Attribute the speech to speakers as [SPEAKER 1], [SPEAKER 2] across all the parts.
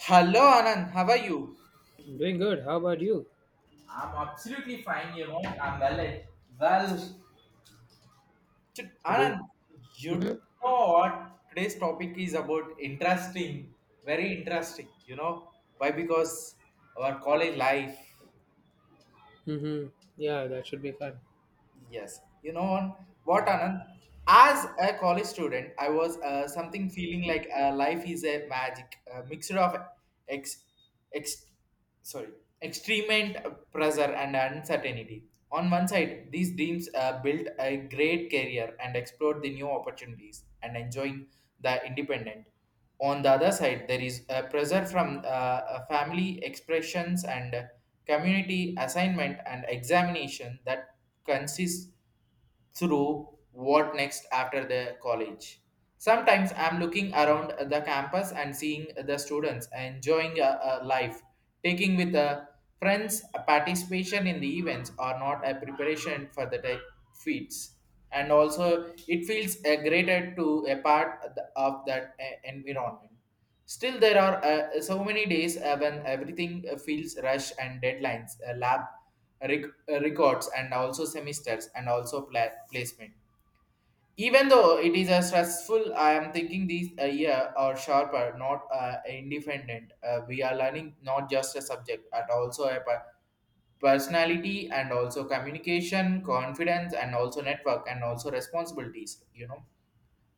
[SPEAKER 1] Hello Anand, how are you?
[SPEAKER 2] I'm doing good. How about you?
[SPEAKER 1] I'm absolutely fine, you know. I'm well. Well,
[SPEAKER 2] You're doing.
[SPEAKER 1] Anand, you
[SPEAKER 2] Mm-hmm.
[SPEAKER 1] know what today's topic is about interesting, very interesting, you know. Why? Because our college life.
[SPEAKER 2] Mm-hmm. Yeah, that should be fun.
[SPEAKER 1] Yes, you know on what Anand. As a college student, I was something feeling like life is a magic a mixture of ex, ex sorry extreme and pressure and uncertainty. On one side, these dreams built a great career and explored the new opportunities and enjoying the independent. On the other side, there is a pressure from family expressions and community assignment and examination that consists through what next after the college. Sometimes I'm looking around the campus and seeing the students enjoying a life, taking with the friends a participation in the events or not a preparation for the type feats. And also, it feels a greater to a part of of that environment. Still, there are so many days when everything feels rush and deadlines, records, and also semesters, and also placement. Even though it is a stressful, I am thinking these a year or sharper, not independent. We are learning not just a subject, but also a personality and also communication, confidence, and also network, and also responsibilities. You know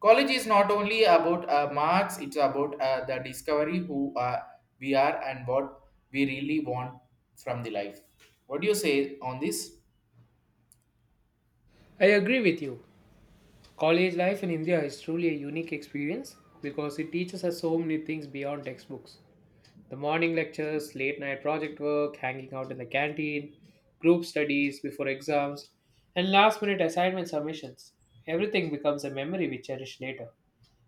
[SPEAKER 1] college is not only about marks, it's about the discovery who we are and what we really want from the life. What do you say on this?
[SPEAKER 2] I agree with you. College life in India is truly a unique experience because it teaches us so many things beyond textbooks. The morning lectures, late night project work, hanging out in the canteen, group studies before exams, and last minute assignment submissions. Everything becomes a memory we cherish later.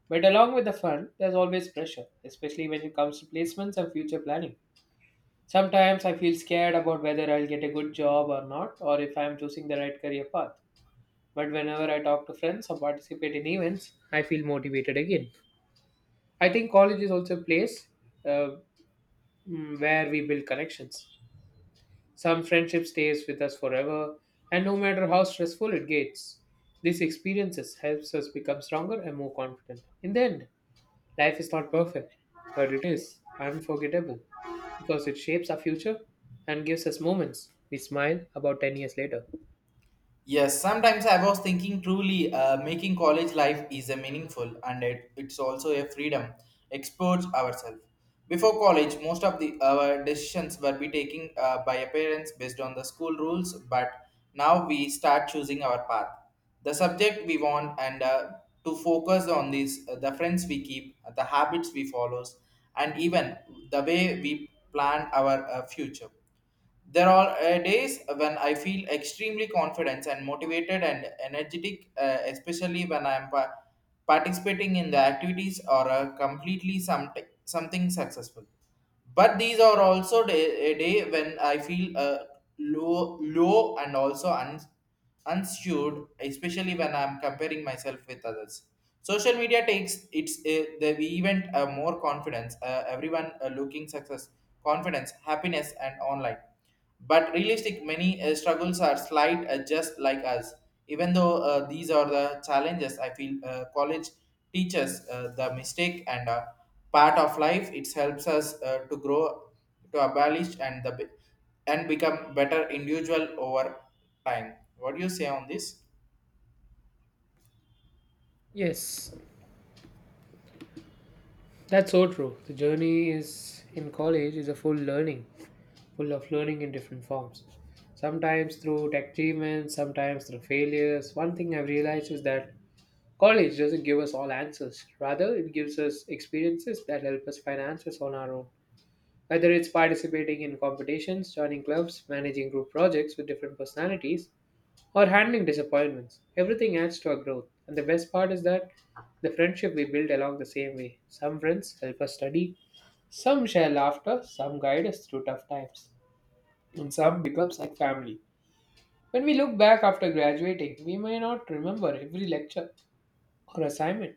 [SPEAKER 2] But along with the fun, there's always pressure, especially when it comes to placements and future planning. Sometimes I feel scared about whether I'll get a good job or not, or if I'm choosing the right career path. But whenever I talk to friends or participate in events, I feel motivated again. I think college is also a place uh, where we build connections. Some friendship stays with us forever, and no matter how stressful it gets, these experiences helps us become stronger and more confident. In the end, life is not perfect, but it is unforgettable because it shapes our future and gives us moments we smile about 10 years later.
[SPEAKER 1] Yes, sometimes I was thinking truly making college life is a meaningful and it's also a freedom. Explores ourselves. Before college, most of the our decisions were be taken by our parents based on the school rules, but now we start choosing our path. The subject we want and to focus on these, the friends we keep, the habits we follow, and even the way we plan our future. There are days when I feel extremely confident and motivated and energetic, especially when I am participating in the activities or completely some something successful. But these are also a day when I feel low, low and also un unsured, especially when I'm comparing myself with others. Social media takes its the event more confidence. Everyone looking success, confidence, happiness, and online. But realistic, many struggles are slight, just like us. Even though these are the challenges, I feel college teaches the mistake and part of life. It helps us to grow, to abolish, and and become better individual over. Fine. What do you say on this?
[SPEAKER 2] Yes, that's so true. The journey is in college is a full learning, Full of learning in different forms. Sometimes through tech achievements, sometimes through failures. One thing I've realized is that college doesn't give us all answers. Rather, it gives us experiences that help us find answers on our own. Whether it's participating in competitions, joining clubs, managing group projects with different personalities, or handling disappointments, everything adds to our growth. And the best part is that the friendship we build along the same way. Some friends help us study, some share laughter, some guide us through tough times, and some becomes like family. When we look back after graduating, we may not remember every lecture or assignment,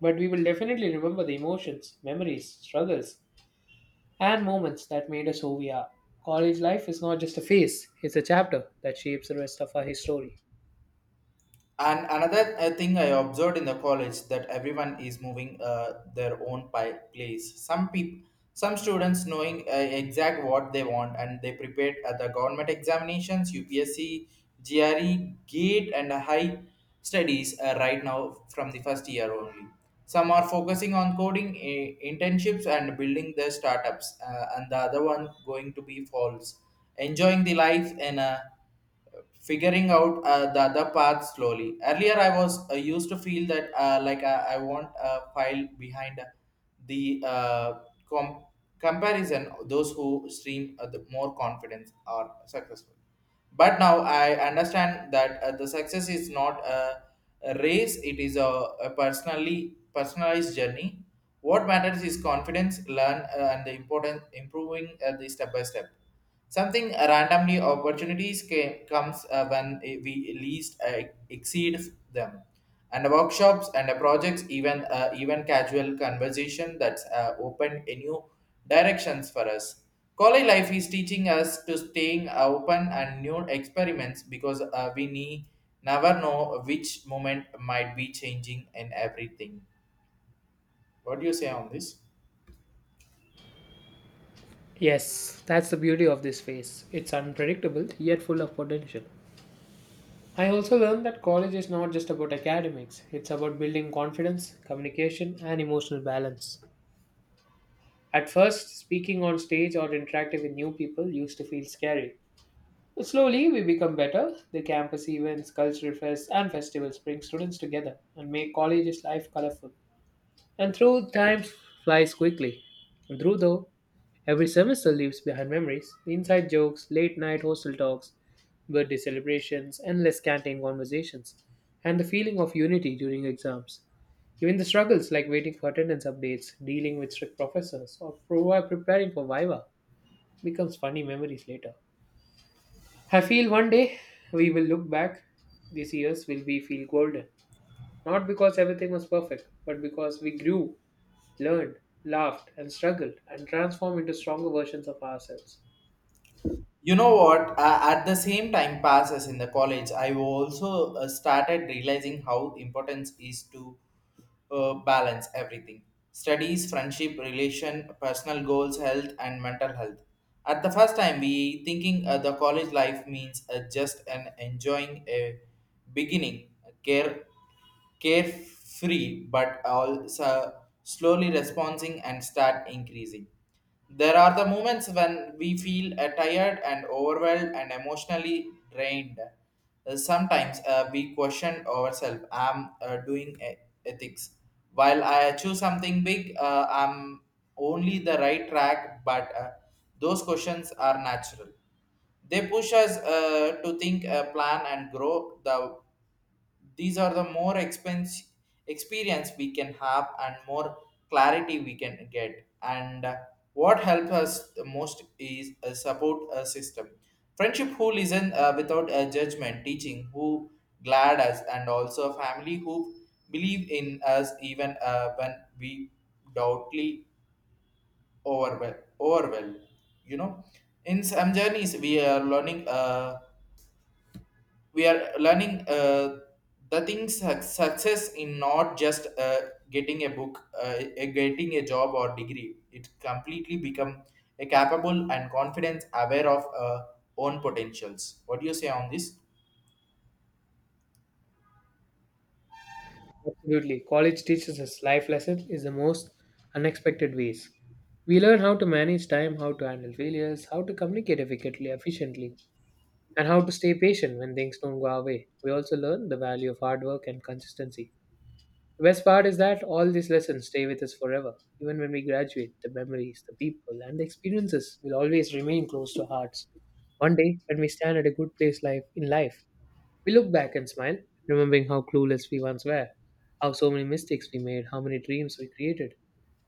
[SPEAKER 2] but we will definitely remember the emotions, memories, struggles, and moments that made us who we are. College life is not just a phase, it's a chapter that shapes the rest of our history.
[SPEAKER 1] And another thing I observed in the college that everyone is moving their own place. Some people, some students knowing exact what they want and they prepared at the government examinations, UPSC, GRE, GATE, and high studies right now from the first year only. Some are focusing on coding internships and building their startups, and the other one going to be false, enjoying the life in a figuring out the other path slowly. Earlier, I was used to feel that like I want a file behind the com- comparison. Those who stream the more confidence are successful. But now I understand that the success is not a race; it is a personally personalized journey. What matters is confidence, learn, and the important improving the step by step. Something randomly opportunities comes when we least exceed them. And workshops and projects, even casual conversation that's opened a new directions for us. College life is teaching us to staying open and new experiments because never know which moment might be changing in everything. What do you say on this?
[SPEAKER 2] Yes, that's the beauty of this phase. It's unpredictable, yet full of potential. I also learned that college is not just about academics, it's about building confidence, communication, and emotional balance. At first, speaking on stage or interacting with new people used to feel scary. But slowly, we become better. The campus events, cultural fests, and festivals bring students together and make college's life colorful. And through time flies quickly. And Through though, every semester leaves behind memories, inside jokes, late night hostel talks, birthday celebrations, endless canteen conversations, and the feeling of unity during exams. Even the struggles like waiting for attendance updates, dealing with strict professors, or preparing for Viva becomes funny memories later. I feel one day we will look back. These years will be feel golden. Not because everything was perfect, but because we grew learned, laughed, and struggled, and transformed into stronger versions of ourselves.
[SPEAKER 1] You know what at the same time passes in the college I also started realizing how important is to balance everything, studies, friendship, relation, personal goals, health, and mental health. At the first time we thinking the college life means just an enjoying a beginning care carefree but also slowly responding and start increasing. There are the moments when we feel tired and overwhelmed and emotionally drained. Sometimes we question ourselves, I'm doing ethics. While I choose something big, I'm only the right track, but those questions are natural. They push us to think, plan, and grow. These are the more expense experience we can have and more clarity we can get and what helps us the most is a support system, friendship who listen without a judgment, teaching who glad us and also a family who believe in us even when we doubtly overwhelmed, you know, in some journeys we are learning the things success in not just getting a book uh, getting a job or degree, it completely become a capable and confidence aware of own potentials. What do you say on this?
[SPEAKER 2] Absolutely. College teaches us life lessons is the most unexpected ways. We learn how to manage time, how to handle failures, how to communicate efficiently, and how to stay patient when things don't go our way. We also learn the value of hard work and consistency. The best part is that all these lessons stay with us forever. Even when we graduate, the memories, the people, and the experiences will always remain close to our hearts. One day, when we stand at a good place life in life, we look back and smile, remembering how clueless we once were, how so many mistakes we made, how many dreams we created,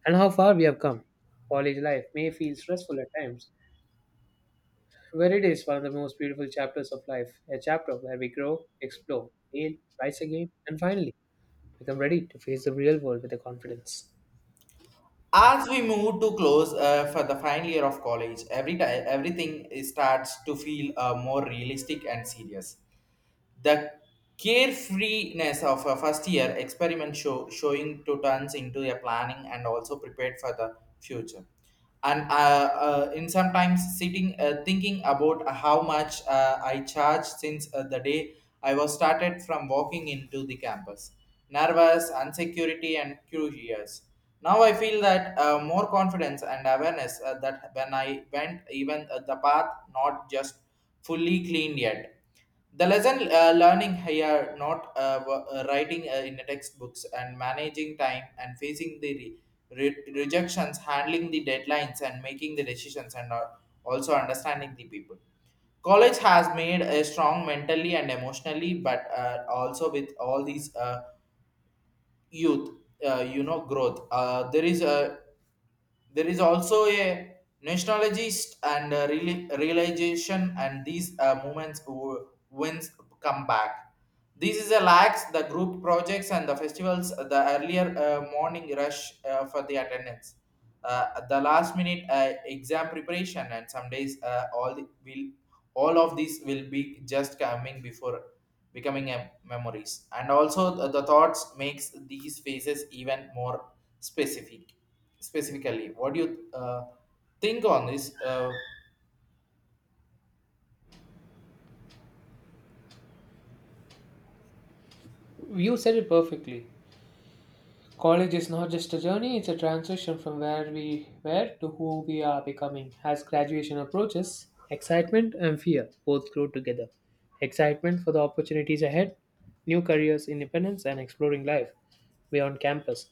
[SPEAKER 2] and how far we have come. College life may feel stressful at times, but it is one of the most beautiful chapters of life, a chapter where we grow, explore, fail, rise again, and finally become ready to face the real world with the confidence.
[SPEAKER 1] As we move to close for the final year of college, every time starts to feel more realistic and serious. The carefreeness of a first year showing to turns into a planning and also prepared for the future. And in sometimes sitting thinking about how much I charged since the day I was started from walking into the campus. Nervous, insecurity, and curious. Now I feel that more confidence and awareness that when I went even the path not just fully cleaned yet, the lesson learning here, not writing in the textbooks and managing time and facing the rejections, handling the deadlines and making the decisions and also understanding the people. College has made a strong mentally and emotionally, but also with all these youth, you know, growth. There is also a nationalist and realization, and these movements wins come back. This is a lacks the group projects and the festivals, the earlier morning rush for the attendance, the last minute exam preparation, and some days will all of these will be just coming before becoming a memories. And also the thoughts makes these phases even more specific specifically. What do you think on this
[SPEAKER 2] You said it perfectly. College is not just a journey, it's a transition from where we were to who we are becoming. As graduation approaches, excitement and fear both grow together. Excitement for the opportunities ahead, new careers, independence, and exploring life beyond campus,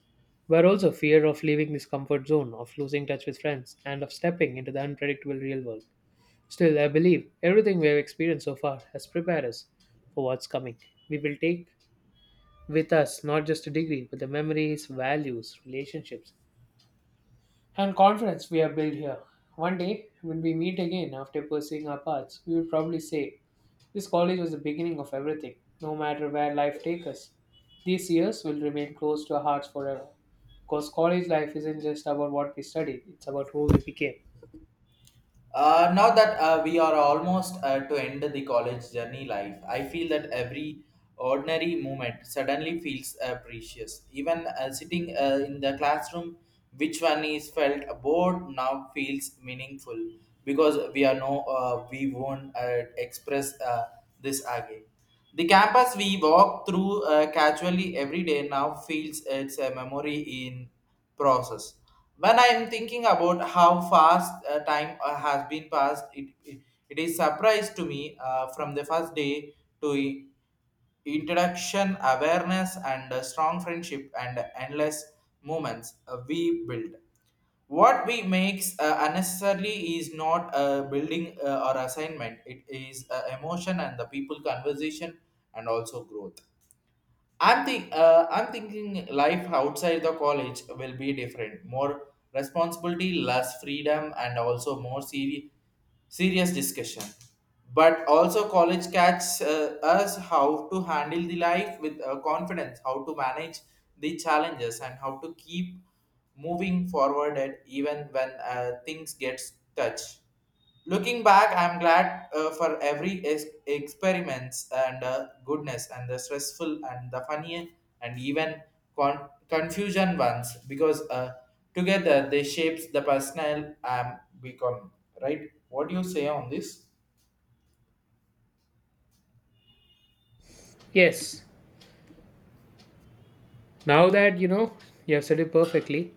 [SPEAKER 2] but also fear of leaving this comfort zone, of losing touch with friends, and of stepping into the unpredictable real world. Still, I believe everything we have experienced so far has prepared us for what's coming. We will take with us not just a degree, but the memories, values, relationships, and confidence we have built here. One day, when we meet again after pursuing our paths, we will probably say, "This college was the beginning of everything." No matter where life takes us, these years will remain close to our hearts forever. Because college life isn't just about what we studied, it's about who we became.
[SPEAKER 1] Now that we are almost to end the college journey life, I feel that every ordinary moment suddenly feels precious, even sitting in the classroom which one is felt bored now feels meaningful because we are no we won't express this again. The campus we walk through casually every day now feels it's a memory in process. When I am thinking about how fast time has been passed, it is surprise to me from the first day to introduction, awareness, and strong friendship and endless moments we build. What we makes unnecessarily is not a building or assignment. It is emotion and the people conversation and also growth. I'm thinking life outside the college will be different, more responsibility, less freedom, and also more serious discussion. But also college catches us how to handle the life with confidence, how to manage the challenges, and how to keep moving forward and even when things get touch. Looking back, I'm glad for every experiments and goodness and the stressful and the funny and even confusion ones because together they shapes the personal I'm becoming, right? What do you say on this?
[SPEAKER 2] Yes, now that you have said it perfectly.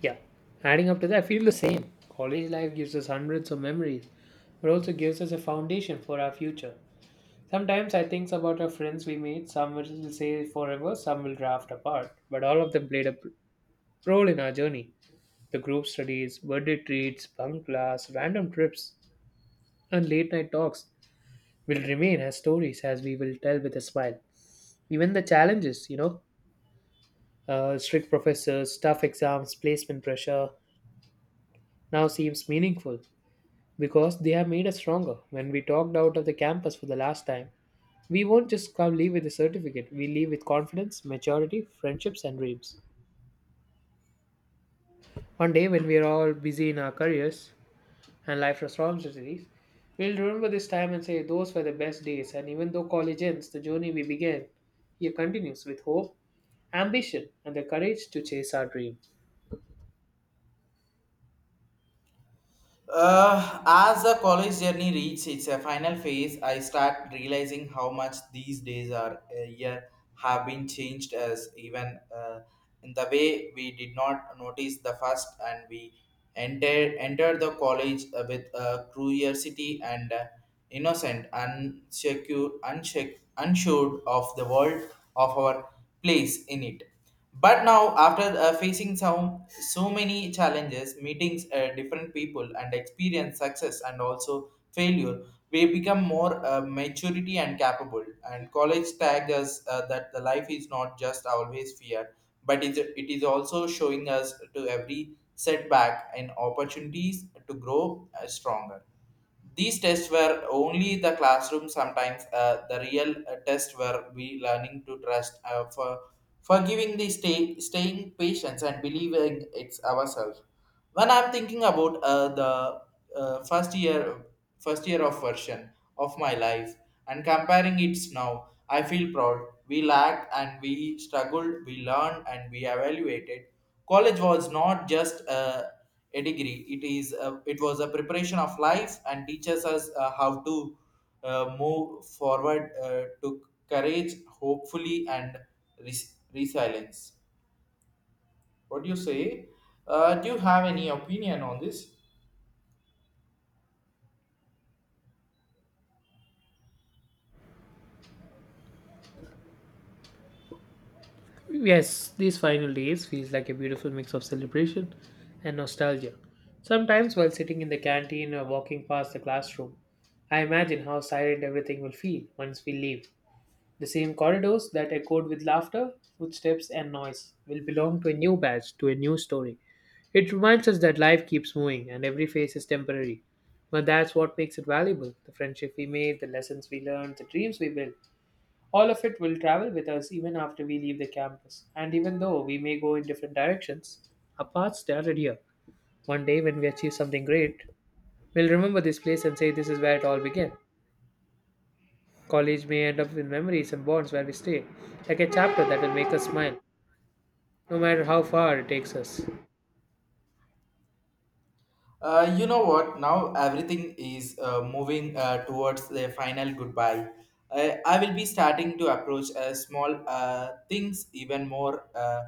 [SPEAKER 2] Yeah, adding up to that, I feel the same. College life gives us hundreds of memories, but also gives us a foundation for our future. Sometimes I think about our friends we made, some will say forever, some will drift apart, but all of them played a role in our journey. The group studies, birthday treats, bunk class, random trips, and late night talks will remain as stories as we will tell with a smile. Even the challenges, you know, strict professors, tough exams, placement pressure, now seems meaningful, because they have made us stronger. When we talked out of the campus for the last time, we won't just come leave with a certificate. We leave with confidence, maturity, friendships, and dreams. One day, when we are all busy in our careers and life responsibilities, we'll remember this time and say those were the best days. And even though college ends, the journey we began here continues with hope, ambition, and the courage to chase our dreams.
[SPEAKER 1] As the college journey reaches its final phase, I start realizing how much these days are year have been changed as even in the way we did not notice the first and we entered the college with curiosity and innocent, unsure of the world of our place in it. But now, after facing some so many challenges, meetings different people, and experience success and also failure, we become more maturity and capable. And college tagged us that the life is not just always fear, but is it is also showing us to every setback and opportunities to grow stronger. These tests were only the classroom. Sometimes the real tests were we learning to trust for giving the staying patience and believing it's ourselves when I'm thinking about the uh, first year first year of version of my life and comparing it now I feel proud. We lacked and we struggled, we learned and we evaluated. College was not just a degree, it is it was a preparation of life and teaches us how to move forward to courage hopefully and resilience. What do you say? Do you have any opinion on this?
[SPEAKER 2] Yes, these final days feels like a beautiful mix of celebration and nostalgia. Sometimes while sitting in the canteen or walking past the classroom, I imagine how silent everything will feel once we leave. The same corridors that echoed with laughter, footsteps, and noise will belong to a new batch, to a new story. It reminds us that life keeps moving and every phase is temporary. But that's what makes it valuable the friendship we made, the lessons we learned, the dreams we built. All of it will travel with us even after we leave the campus, and even though we may go in different directions, our paths started here. One day, when we achieve something great, we'll remember this place and say this is where it all began. College may end up with memories and bonds where we stay, like a chapter that will make us smile, no matter how far it takes us.
[SPEAKER 1] You know what? Now everything is moving towards the final goodbye. I will be starting to approach small things even more.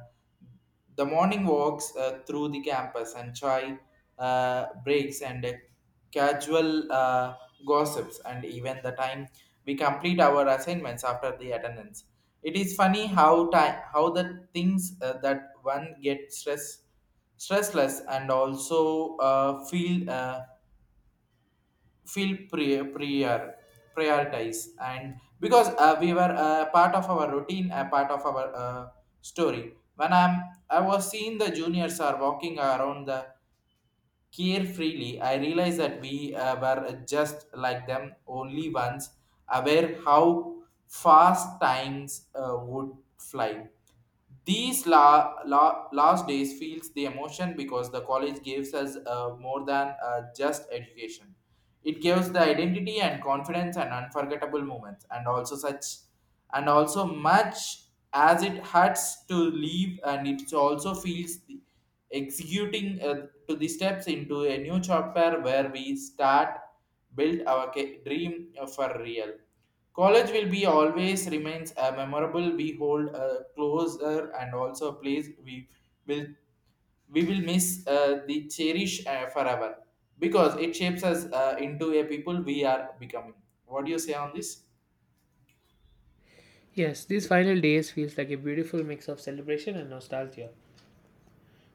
[SPEAKER 1] The morning walks through the campus, and chai breaks, and casual gossips, and even the time we complete our assignments after the attendance. It is funny how time, how the things that one gets stressless and also feel. Feel prioritize, and because we were part of our routine, a part of our story. When I was seeing the juniors are walking around the care freely, I realized that we were just like them, only ones aware how fast times would fly. These last days feels the emotion, because the college gives us more than just education. It gives the identity and confidence and unforgettable moments, and also much as it hurts to leave, and it also feels executing to the steps into a new chapter where we start build our dream for real. College will be always remains a memorable we hold closer, and also a place will we will miss the cherish forever because it shapes us into a people we are becoming. What do you say on this?
[SPEAKER 2] Yes, these final days feels like a beautiful mix of celebration and nostalgia.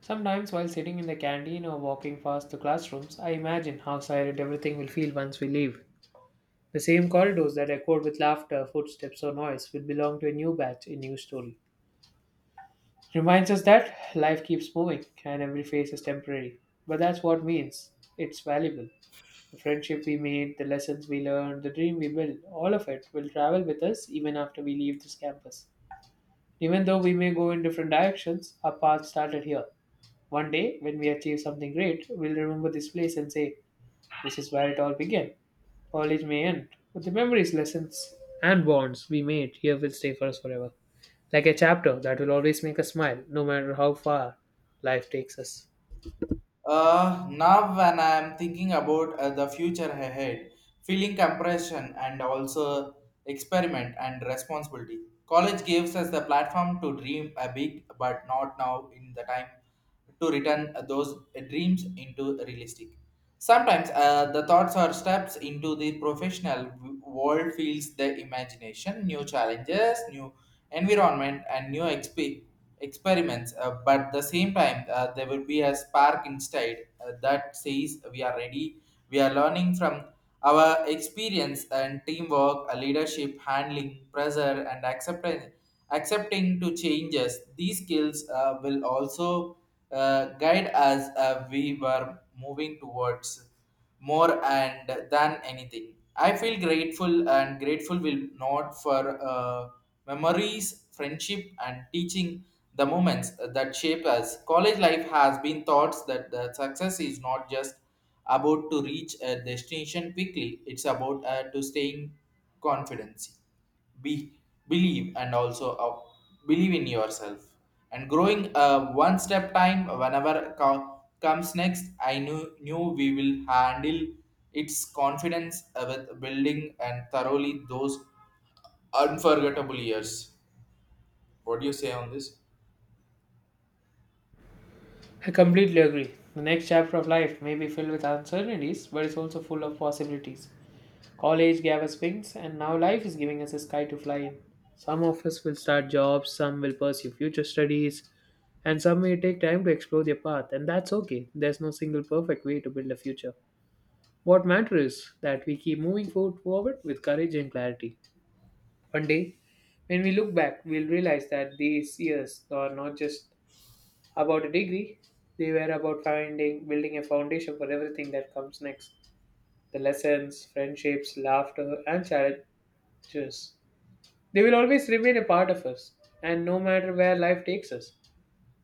[SPEAKER 2] Sometimes while sitting in the canteen or walking past the classrooms, I imagine how silent everything will feel once we leave. The same corridors that echoed with laughter, footsteps, or noise will belong to a new batch, a new story. Reminds us that life keeps moving and every phase is temporary. But that's what means it's valuable. The friendship we made, the lessons we learned, the dream we built, all of it will travel with us even after we leave this campus. Even though we may go in different directions, our path started here. One day, when we achieve something great, we'll remember this place and say, "This is where it all began." College may end, but the memories, lessons, and bonds we made here will stay for us forever. Like a chapter that will always make us smile, no matter how far life takes us.
[SPEAKER 1] Now, when I am thinking about the future ahead, feeling compression and also experiment and responsibility. College gives us the platform to dream a big, but not now in the time to return those dreams into realistic. Sometimes the thoughts or steps into the professional world feels the imagination, new challenges, new environment, and new experiments. But at the same time, there will be a spark inside that says we are ready. We are learning from our experience and teamwork, leadership, handling pressure, and accepting to changes. These skills will also guide us we were moving towards more and than anything. I feel grateful, and grateful will not for memories, friendship, and teaching the moments that shape us. College life has been taught that the success is not just about to reach a destination quickly; it's about to staying confidence be believe and also believe in yourself and growing one step time whenever comes next. I knew we will handle its confidence with building and thoroughly those unforgettable years. What do you say on this?
[SPEAKER 2] I completely agree. The next chapter of life may be filled with uncertainties, but it's also full of possibilities. College gave us wings, and now life is giving us a sky to fly in. Some of us will start jobs, some will pursue future studies, and some may take time to explore their path, and that's okay. There's no single perfect way to build a future. What matters is that we keep moving forward with courage and clarity. One day, when we look back, we'll realize that these years are not just about a degree, they were about finding, building a foundation for everything that comes next. The lessons, friendships, laughter, and challenges. They will always remain a part of us, and no matter where life takes us,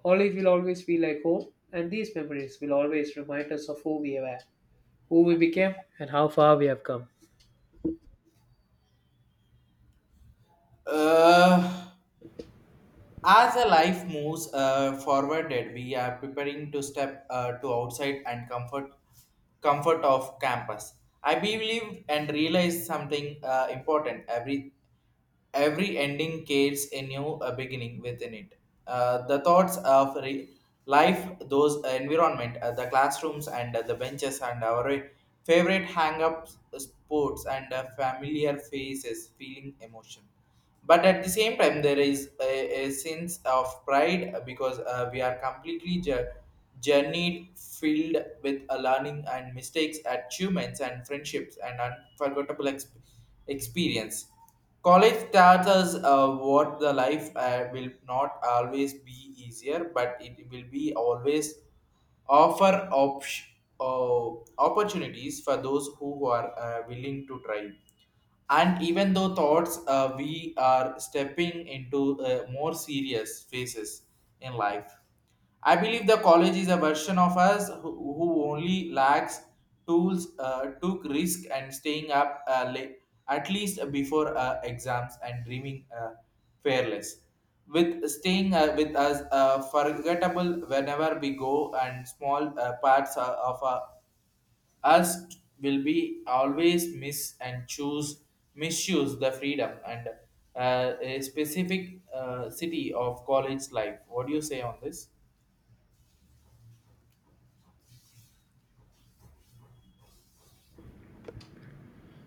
[SPEAKER 2] college will always feel like home, and these memories will always remind us of who we were, who we became, and how far we have come.
[SPEAKER 1] uh As a life moves forwarded, we are preparing to step to outside and comfort of campus. I believe and realize something important. Every ending carries a new beginning within it. The thoughts of life, those environment, the classrooms and the benches and our favorite hang-up sports and familiar faces, feeling emotion. But at the same time there is a sense of pride because we are completely journeyed filled with a learning and mistakes, achievements and friendships and unforgettable experience. College starts us what the life will not always be easier, but it will be always offer uh, opportunities for those who are willing to try. And even though thoughts we are stepping into more serious phases in life, I believe the college is a version of us who only lacks tools took risk and staying up late at least before exams and dreaming fearless with staying with us forgettable whenever we go, and small parts of our us will be always miss and choose misuse the freedom and a specific city of college life. What do you say on this?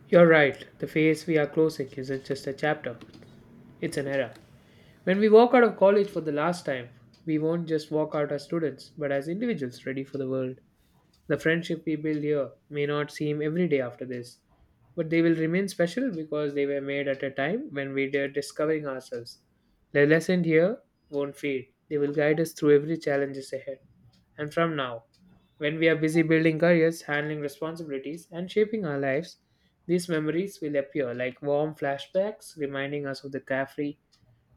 [SPEAKER 2] You're right. The phase we are closing isn't just a chapter, it's an era. When we walk out of college for the last time, we won't just walk out as students, but as individuals ready for the world. The friendship we build here may not seem everyday after this, but they will remain special because they were made at a time when we were discovering ourselves. The lesson here won't fade, they will guide us through every challenges ahead. And from now, when we are busy building careers, handling responsibilities, and shaping our lives, these memories will appear like warm flashbacks, reminding us of the carefree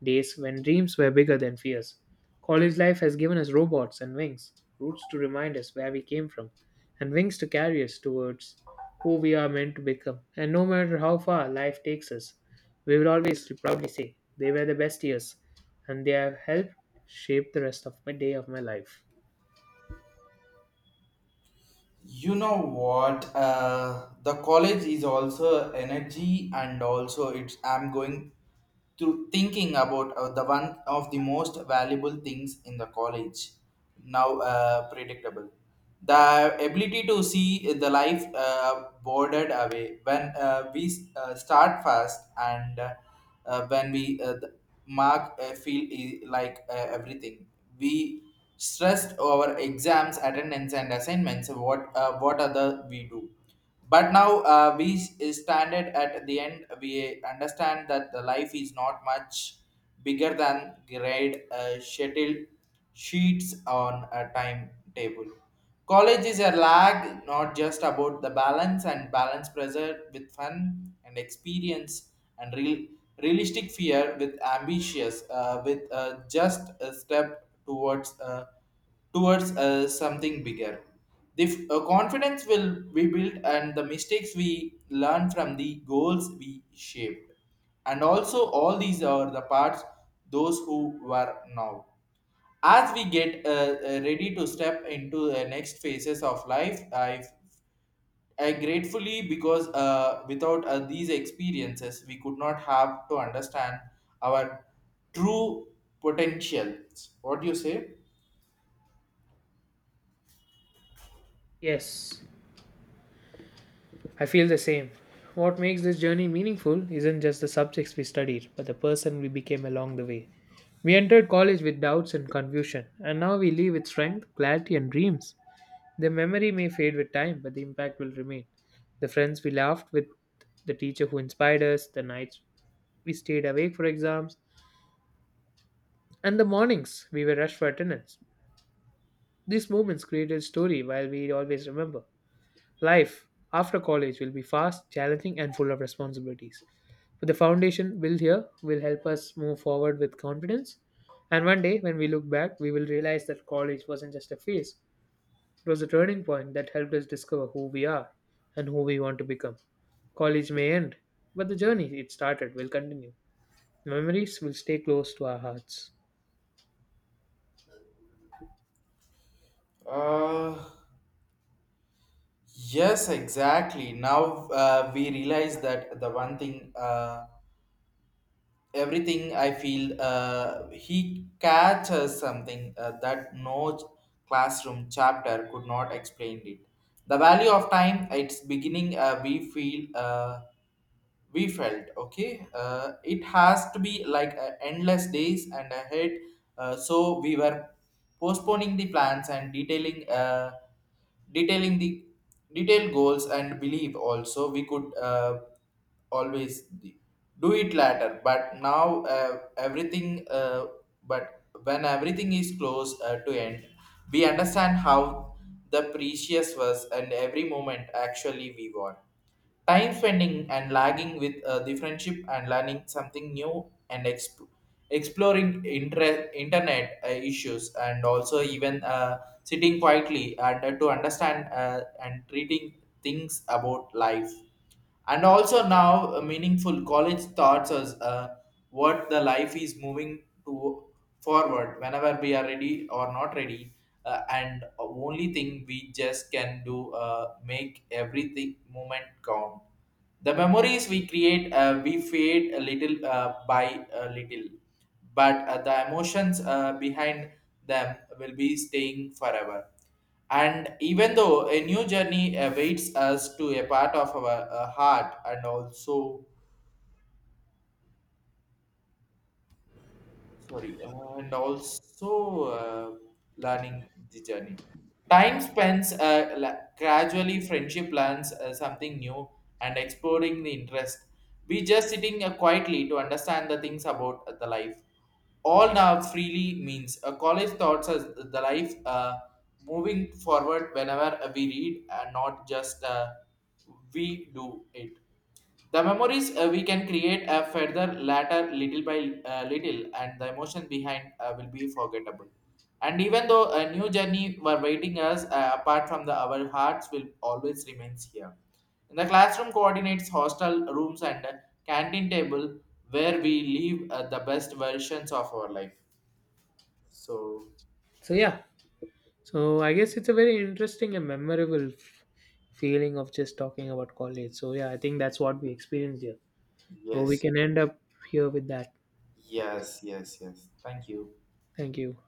[SPEAKER 2] days when dreams were bigger than fears. College life has given us robots and wings, roots to remind us where we came from, and wings to carry us towards who we are meant to become. And no matter how far life takes us, we will always proudly say they were the best years, and they have helped shape the rest of my day of my life.
[SPEAKER 1] You know what? The college is also energy and also it's I'm going through thinking about the one of the most valuable things in the college now predictable, the ability to see the life bordered away when we start fast and when we mark feel like everything we stressed our exams, attendance, and assignments. What what other we do? But now we standard at the end. We understand that the life is not much bigger than grade schedule sheets on a timetable. College is a lag, not just about the balance and balance pressure with fun and experience and realistic fear with ambitious with just a step towards towards something bigger. The confidence will we build, and the mistakes we learn from, the goals we shaped. And also all these are the parts those who were now. As we get ready to step into the next phases of life, I gratefully because without these experiences, we could not have to understand our true potential. What do you say?
[SPEAKER 2] Yes. I feel the same. What makes this journey meaningful isn't just the subjects we studied, but the person we became along the way. We entered college with doubts and confusion, and now we leave with strength, clarity, and dreams. The memory may fade with time, but the impact will remain. The friends we laughed with, the teacher who inspired us, the nights we stayed awake for exams, and the mornings we were rushed for attendance. These moments created a story while we always remember. Life after college will be fast, challenging, and full of responsibilities. But the foundation built here will help us move forward with confidence. And one day, when we look back, we will realize that college wasn't just a phase, it was a turning point that helped us discover who we are and who we want to become. College may end, but the journey it started will continue. Memories will stay close to our hearts.
[SPEAKER 1] Uh, Yes, exactly. Now we realize that the one thing, everything I feel, he catches something that no classroom chapter could not explain it. The value of time, its beginning, we feel. We felt okay it has to be like endless days and ahead, so we were postponing the plans and detailing the detailed goals and believe also we could always do it later. But now everything but when everything is close to end, we understand how the precious was and every moment actually we won. Time spending and lagging with the friendship and learning something new and exploring internet issues, and also even sitting quietly and to understand and treating things about life. And also now, a meaningful college thoughts as what the life is moving to forward whenever we are ready or not ready. And only thing we just can do make everything moment count. The memories we create, we fade a little by a little, but the emotions behind them will be staying forever. And even though a new journey awaits us to a part of our heart and also sorry, and also learning the journey. Time spends gradually, friendship learns something new and exploring the interest. We just sitting quietly to understand the things about the life. All now freely means college thoughts as the life moving forward whenever we read and not just we do it. The memories we can create a further later little by little, and the emotion behind will be forgettable. And even though a new journey were waiting us, apart from the our hearts will always remains here. In the classroom coordinates, hostel rooms, and canteen table, where we live the best versions of our life. So
[SPEAKER 2] So, yeah, so I guess it's a very interesting and memorable feeling of just talking about college. So yeah, I think that's what we experienced here. So we
[SPEAKER 1] yes,
[SPEAKER 2] can end up here with that.
[SPEAKER 1] yes. Thank you.
[SPEAKER 2] Thank you.